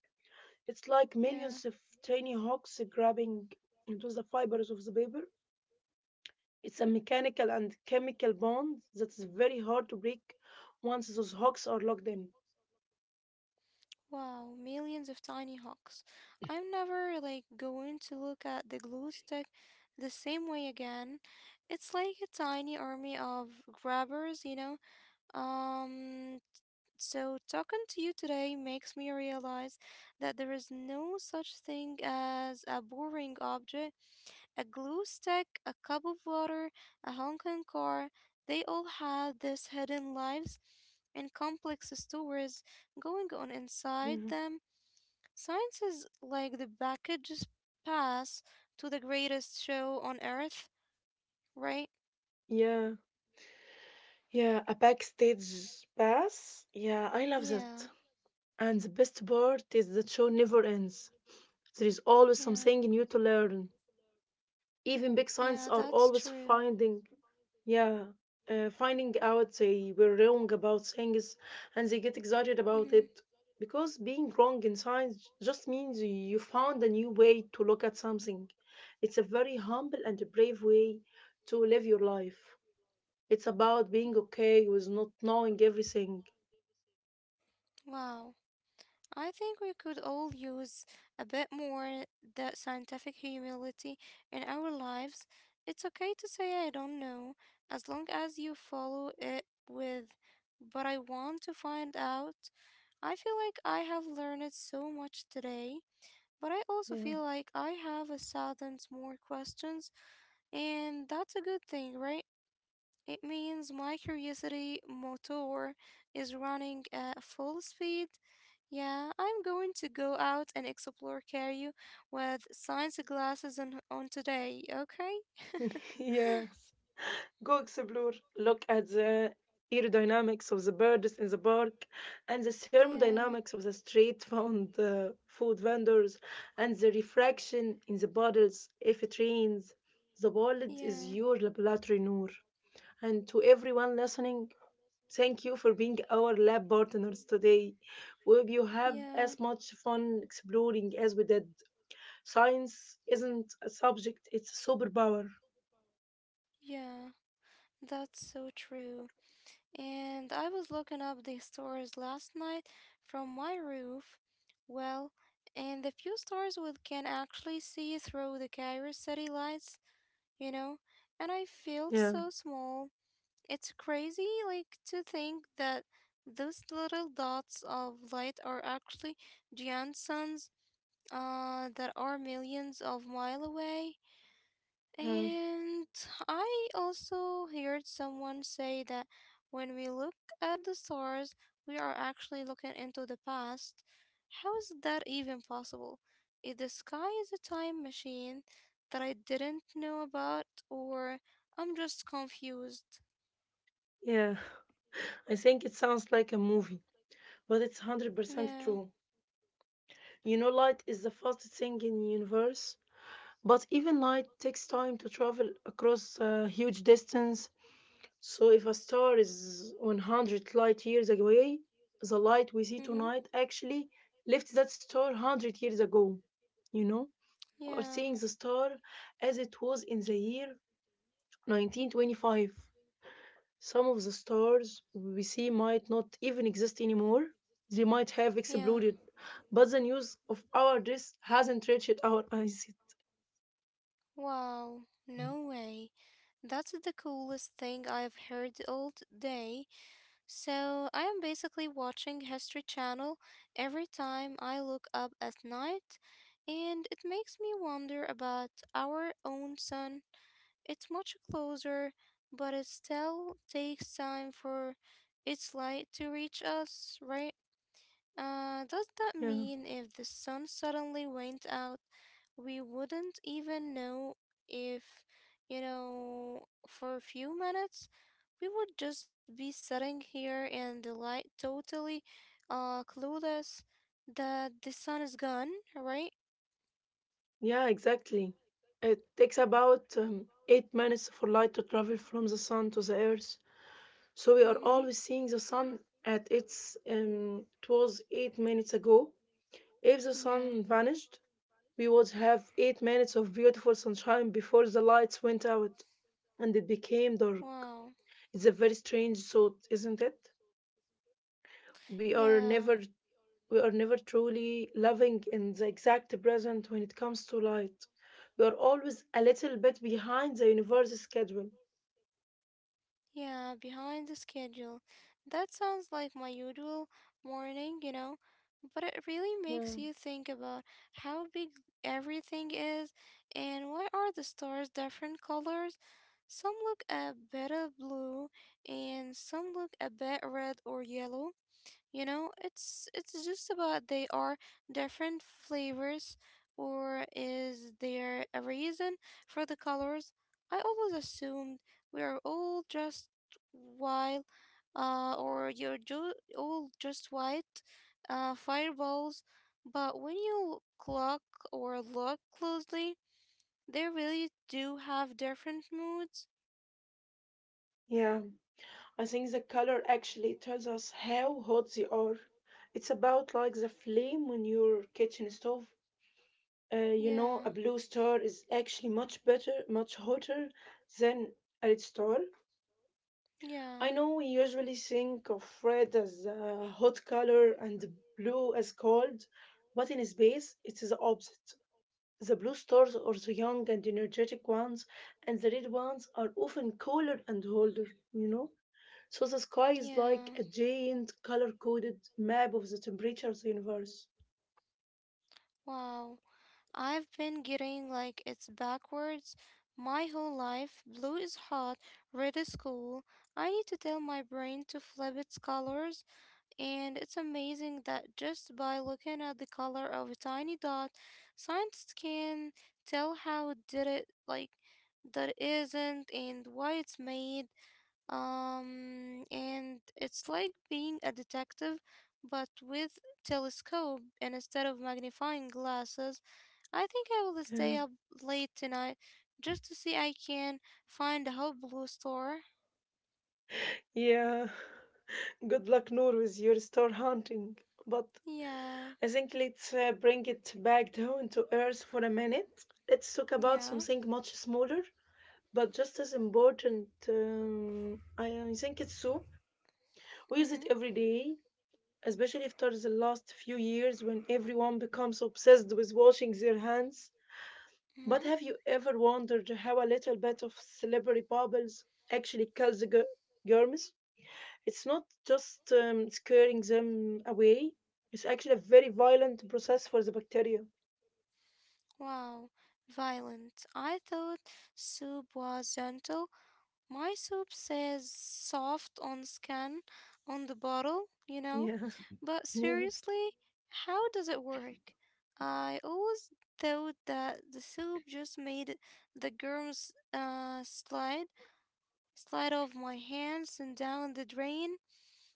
B: It's like
A: Yeah.
B: millions of tiny hooks grabbing into the fibers of the paper. It's a mechanical and chemical bond that is very hard to break once those hooks are locked in.
A: Wow, millions of tiny hawks. I'm never going to look at the glue stick the same way again. It's like a tiny army of grabbers, you know? Um, so talking to you today makes me realize that there is no such thing as a boring object. A glue stick, a cup of water, a honking car. They all had these hidden lives and complex stories going on inside
B: Yeah.
A: them. Science is like the package's pass to the greatest show on earth, right?
B: Yeah. Yeah, a backstage pass. Yeah, I love
A: Yeah,
B: that. And the best part is that show never ends. There is always
A: yeah,
B: something new to learn. Even big science
A: yeah,
B: are
A: that's
B: always
A: true.
B: finding, yeah, finding out they were wrong about things, and they get excited
A: Hmm.
B: about it because being wrong in science just means you found a new way to look at something. It's a very humble and brave way to live your life. It's about being okay with not knowing everything.
A: Wow. I think we could all use a bit more that scientific humility in our lives. It's okay to say I don't know as long as you follow it with but I want to find out. I feel like I have learned so much today, but I also
B: Yeah
A: feel like I have a thousand more questions, and that's a good thing, right? It means my curiosity motor is running at full speed. Yeah, I'm going to go out and explore Cairo with science glasses on today, okay?
B: yeah Go explore, look at the aerodynamics of the birds in the park and the
A: Yeah,
B: thermodynamics of the street found food vendors and the refraction in the bottles if it rains. The world is
A: yeah,
B: your laboratory, Noor. And to everyone listening, thank you for being our lab partners today. We hope you have
A: yeah,
B: as much fun exploring as we did. Science isn't a subject, it's a superpower.
A: yeah. That's so true. And I was looking up the stars last night from my roof. Well, and the few stars we can actually see through the Cairo city lights, you know, and I felt
B: Yeah,
A: so small. It's crazy, like, to think that those little dots of light are actually giant suns, that are millions of miles away.
B: yeah,
A: And I also heard someone say that when we look at the stars, we are actually looking into the past. How is that even possible? If the sky is a time machine that I didn't know about, or I'm just confused.
B: yeah. I think it sounds like a movie, but it's 100%
A: Yeah.
B: true. You know, light is the fastest thing in the universe, but even light takes time to travel across a huge distance. So, if a star is 100 light years away, the light we see
A: Mm-hmm.
B: tonight actually left that star 100 years ago, you know, or
A: Yeah.
B: seeing the star as it was in the year 1925. Some of the stars we see might not even exist anymore. They might have
A: Yeah.
B: exploded, but the news of our deaths hasn't reached our eyes yet.
A: Wow, no way. That's the coolest thing I've heard all day. So I am basically watching History Channel every time I look up at night, and it makes me wonder about our own sun. It's much closer, but it still takes time for its light to reach us, right? Does that
B: Yeah,
A: mean if the sun suddenly went out, we wouldn't even know if, you know, for a few minutes? We would just be sitting here in the light, totally clueless that the sun is gone, right?
B: yeah, exactly. It takes about 8 minutes for light to travel from the sun to the earth. So we are
A: Mm-hmm.
B: always seeing the sun at it was 8 minutes ago. If the
A: Yeah.
B: sun vanished, we would have 8 minutes of beautiful sunshine before the lights went out and it became dark.
A: Wow.
B: It's a very strange thought, isn't it? We are
A: Yeah.
B: never we are never truly living in the exact present when it comes to light. We are always a little bit behind the universe's schedule.
A: Yeah, behind the schedule. That sounds like my usual morning, you know, but it really makes
B: Yeah.
A: you think about how big everything is, and why are the stars different colors? Some look a bit of blue and some look a bit red or yellow. You know, it's just about they are different flavors, or is there a reason for the colors? I always assumed we are all just wild or all just white fireballs, but when you clock or look closely, they really do have different moods.
B: Yeah, I think the color actually tells us how hot they are. It's about like the flame on your kitchen stove. Uh, you know,
A: Yeah.
B: a blue star is actually much better, much hotter than a red star.
A: Yeah.
B: I know we usually think of red as a hot color and blue as cold, but in space it is the opposite. The blue stars are the young and energetic ones, and the red ones are often cooler and older, you know? So the sky is
A: Yeah,
B: like a giant color coded map of the temperature of the universe.
A: wow. I've been getting like it's backwards my whole life. Blue is hot, red is cool. I need to tell my brain to flip its colors, and it's amazing that just by looking at the color of a tiny dot, scientists can tell how it did it, like that it isn't, and why it's made. And it's like being a detective, but with telescope and instead of magnifying glasses. I think I will stay
B: Yeah.
A: up late tonight just to see I can find a whole blue star.
B: Yeah. Good luck, Noor, with your star hunting. But
A: Yeah,
B: I think let's bring it back down to earth for a minute. Let's talk about
A: yeah.
B: something much smaller, but just as important. I think it's soup. We use
A: Mhm,
B: it every day, especially after the last few years when everyone becomes obsessed with washing their hands. But
A: mhm.
B: have you ever wondered how a little bit of celebrity bubbles actually kills germs? It's not just scaring them away. It's actually a very violent process for the bacteria.
A: Wow, violent. I thought soup was gentle. My soap says soft on scan on the bottle, you know.
B: Yeah.
A: But
B: Yeah,
A: seriously, how does it work? I always thought that the soap just made the germs, slide off my hands and down the drain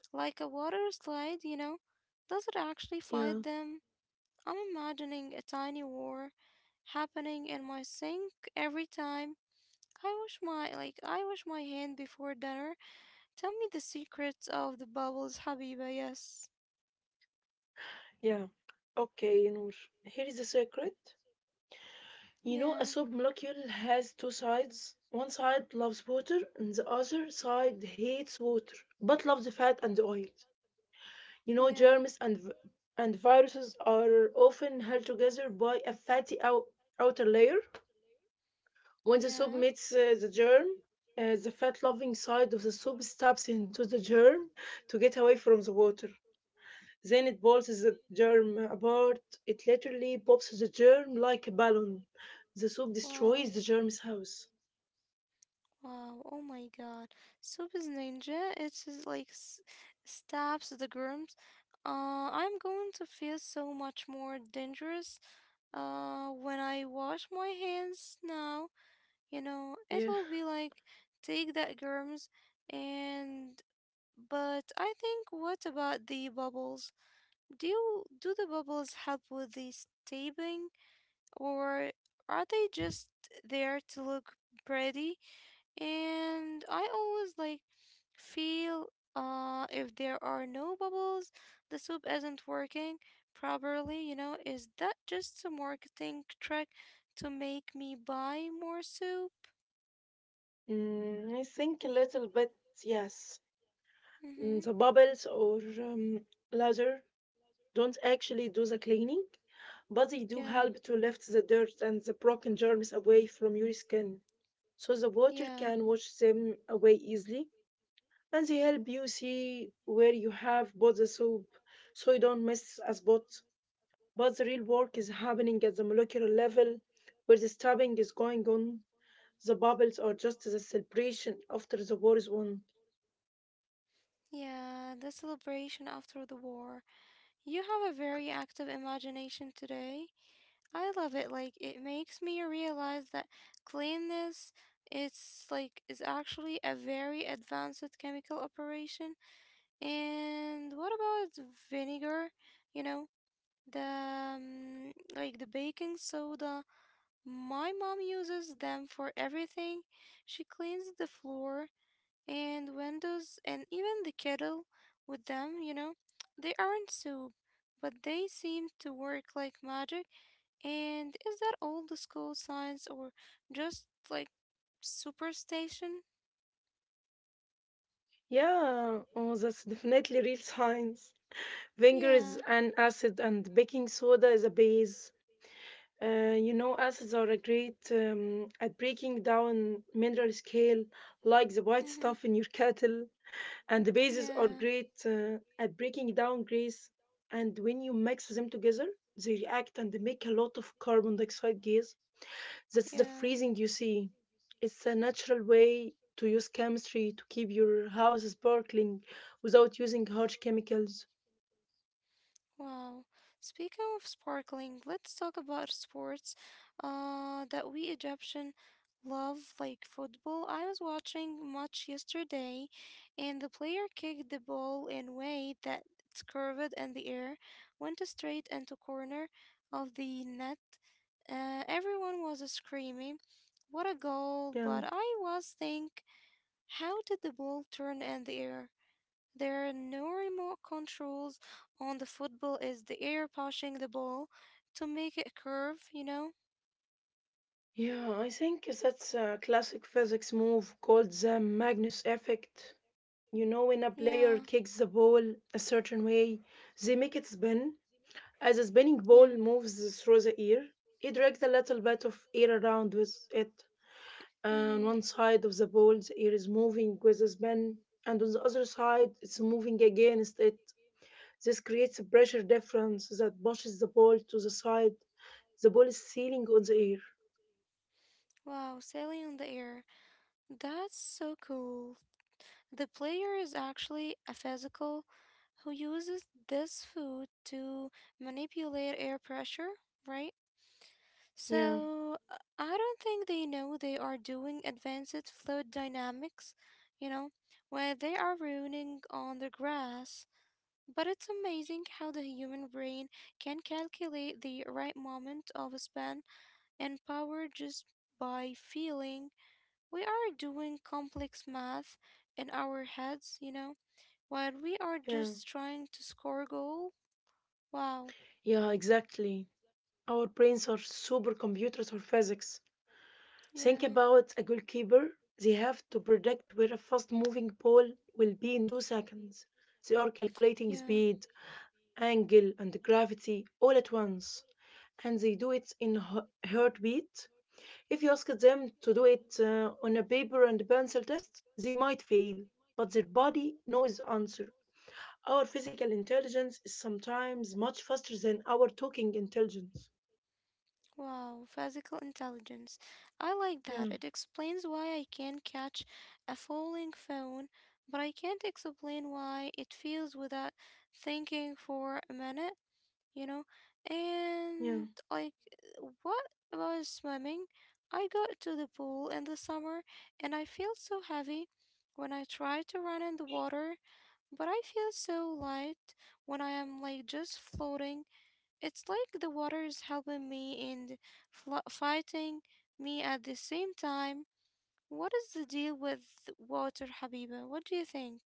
A: like a water slide, you know. Does it actually
B: yeah,
A: fight them? I'm imagining a tiny war happening in my sink every time. I wash my hand before dinner. Tell me the secrets of the bubbles, Habiba. Yes.
B: yeah. Okay, Noor. Here is the secret. You know, a
A: Yeah.
B: soap molecule has two sides. One side loves water, and the other side hates water, but loves the fat and the oil. You know,
A: Yeah.
B: and viruses are often held together by a outer layer. When the soap
A: Yeah.
B: meets uh, the germ, the fat-loving side of the soap stabs into the germ to get away from the water. Then it pulses the germ apart. It literally pops the germ like a balloon. The soup
A: Wow.
B: destroys the germ's house.
A: Wow. Oh my god. Soup is ninja. It's just like stabs the germs. I'm going to feel so much more dangerous. When I wash my hands now, you know, it
B: Yeah.
A: will be like take that germs, and but I think what about the bubbles? Do the bubbles help with the taping, or are they just there to look pretty? And I always like feel if there are no bubbles, the soup isn't working properly, you know, is that just a marketing trick to make me buy more soup?
B: I think a little bit, yes.
A: Mm-hmm.
B: The bubbles or laser don't actually do the cleaning, but they do
A: Yeah.
B: help to lift the dirt and the broken germs away from your skin. So the water
A: Yeah.
B: can wash them away easily, and they help you see where you have bought the soap so you don't miss a spot. But the real work is happening at the molecular level, where the stabbing is going on. The bubbles are just the celebration after the war is won.
A: Yeah, the celebration after the war. You have a very active imagination today. I love it. Like it makes me realize that cleanness it's like is actually a very advanced chemical operation. And what about vinegar? You know, the like the baking soda. My mom uses them for everything. She cleans the floor and windows and even the kettle with them, you know. They aren't soup, but they seem to work like magic. And is that old school science or just like superstition?
B: Yeah, oh, that's definitely real science. Vinegar
A: Yeah.
B: is an acid, and baking soda is a base. You know, acids are a great at breaking down mineral scale, like the white
A: Mm-hmm.
B: stuff in your kettle. And the bases are
A: Yeah.
B: great uh, at breaking down grays, and when you mix them together they react and they make a lot of carbon dioxide gas. That's the
A: Yeah.
B: freezing you see. It's a natural way to use chemistry to keep your house sparkling without using harsh chemicals.
A: Wow. Speaking of sparkling, let's talk about sports that we Egyptian love, like football. I was watching match yesterday, and the player kicked the ball in way that it's curved in the air, went straight into corner of the net. Everyone was screaming, "What a goal!"
B: Yeah,
A: But I was think, how did the ball turn in the air? There are no remote controls on the football, is the air pushing the ball to make it curve, you know?
B: yeah, I think that's a classic physics move called the Magnus effect. You know, when a
A: Yeah,
B: player kicks the ball a certain way, they make it spin. As a spinning
A: yeah.
B: ball moves through the air, it drags a little bit of air around with it. On
A: Mm-hmm.
B: one side of the ball, the air is moving with the spin, and on the other side, it's moving against it. This creates a pressure difference that pushes the ball to the side. The ball is sailing on the air.
A: Wow, sailing on the air. That's so cool. The player is actually a physical who uses this food to manipulate air pressure, right?
B: Yeah,
A: So I don't think they know they are doing advanced fluid dynamics, you know, where they are running on the grass. But it's amazing how the human brain can calculate the right moment of a span and power just by feeling we are doing complex math in our heads, you know, while we are
B: yeah,
A: just trying to score a goal. Wow.
B: yeah, exactly. Our brains are supercomputers for physics. Think
A: Yeah.
B: about a goalkeeper. They have to predict where a fast moving ball will be in 2 seconds. They are calculating
A: Yeah.
B: speed, angle, and gravity all at once, and they do it in heartbeat. If you ask them to do it on a paper and pencil test, they might fail, but their body knows the answer. Our physical intelligence is sometimes much faster than our talking intelligence.
A: Wow. Physical intelligence. I like that.
B: Yeah,
A: It explains why I can catch a falling phone, but I can't explain why it feels without thinking for a minute. You know? And
B: yeah.
A: like, what about swimming? I go to the pool in the summer and I feel so heavy when I try to run in the water, but I feel so light when I am like just floating. It's like the water is helping me and fighting me at the same time. What is the deal with water, Habiba? What do you think?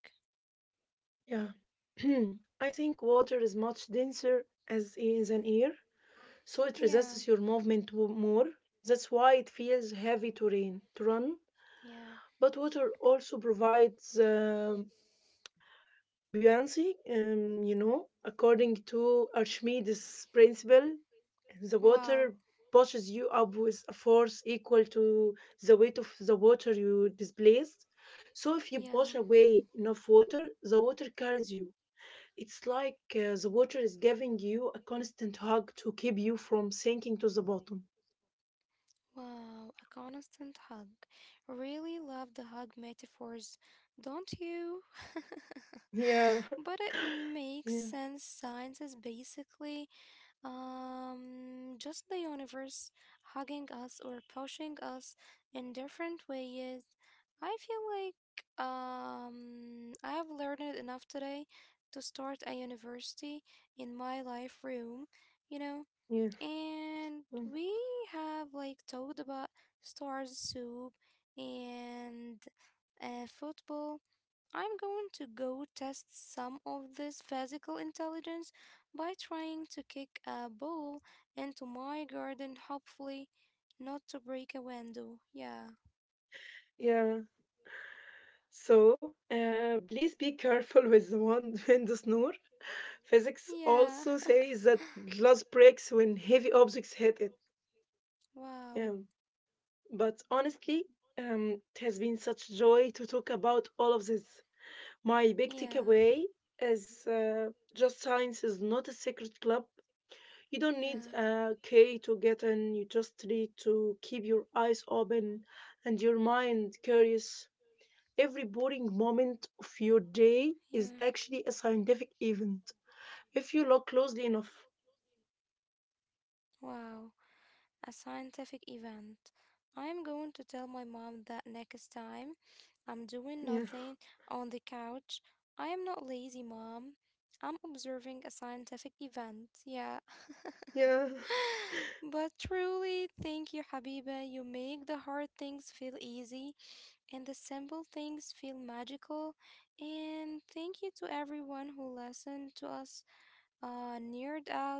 B: Yeah. I think water is much denser as is an air, so it
A: Yeah,
B: resists your more. That's why it feels heavy to rain to run.
A: yeah.
B: But water also provides buoyancy, you know, according to Archimedes' principle, the
A: Wow.
B: water pushes you up with a force equal to the weight of the water you displaced. So if you push
A: Yeah.
B: away enough water, the water carries you. It's like the water is giving you a constant hug to keep you from sinking to the bottom.
A: Wow, a constant hug. Really love the hug metaphors, don't you?
B: Yeah,
A: But it makes
B: yeah,
A: sense. Science is basically just the universe hugging us or pushing us in different ways. I feel like I have learned it enough today to start a university in my life room, you know.
B: yeah,
A: And
B: mm,
A: we have like talked about stars soup and football. I'm going to go test some of this physical intelligence by trying to kick a ball into my garden, hopefully, not to break a window. Yeah.
B: yeah. So, please be careful with the wand and the snore. Physics
A: Yeah.
B: also says that glass breaks when heavy objects hit it. Yeah,
A: Wow.
B: but honestly, it has been such joy to talk about all of this. My big
A: Yeah.
B: takeaway is just science is not a secret club. You don't need
A: Yeah.
B: a key to get in, you just need to keep your eyes open and your mind curious. Every boring moment of your day
A: Yeah.
B: is actually a scientific event if you look closely enough.
A: Wow. A scientific event. I'm going to tell my mom that next time I'm doing
B: Yeah,
A: nothing on the couch. I am not lazy, mom. I'm observing a scientific event. Yeah.
B: yeah,
A: But truly, thank you, Habiba. You make the hard things feel easy and the simple things feel magical. And thank you to everyone who listened to us neared out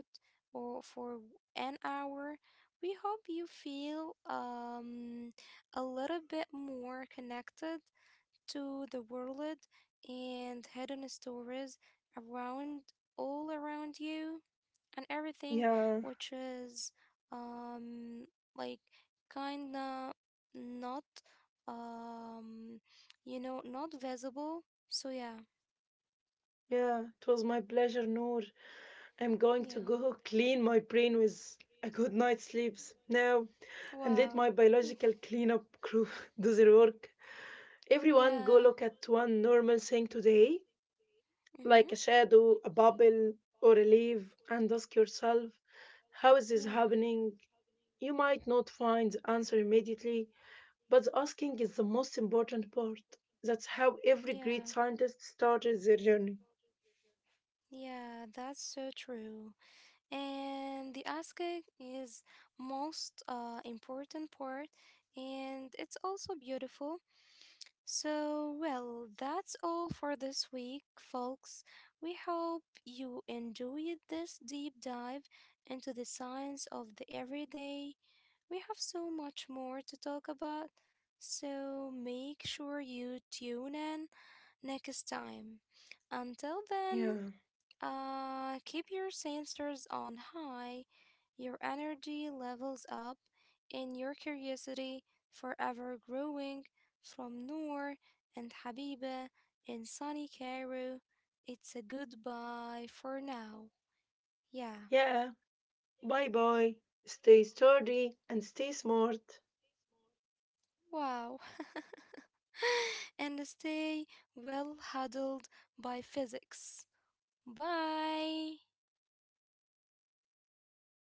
A: or for an hour. We hope you feel a little bit more connected to the world and hidden stories around all around you and everything
B: yeah,
A: which is um like kinda not um you know not visible so yeah
B: yeah. It was my pleasure, Noor. I'm going to
A: yeah
B: go clean my brain with a good night's sleep now and let
A: wow.
B: my
A: Mm,
B: biological cleanup crew do their work. Everyone, go
A: yeah,
B: look at one normal thing today like
A: mm-hmm.
B: a shadow, a bubble, or a leaf, and ask yourself, how is this
A: Yeah,
B: happening? You might not find the answer immediately, but the asking is the most important part. That's how every
A: yeah.
B: great scientist started their journey.
A: Yeah, that's so true. And the asking is most important part, and it's also beautiful. So, well, that's all for this week, folks. We hope you enjoyed this deep dive into the science of the everyday. We have so much more to talk about. So, make sure you tune in next time. Until
B: Yeah.
A: then, keep your sensors on high, your energy levels up, and your curiosity forever growing from Noor and Habiba in sunny Cairo. It's a goodbye for now. Yeah,
B: Yeah. Bye bye. Stay sturdy and stay smart.
A: wow. And stay well huddled by physics. Bye.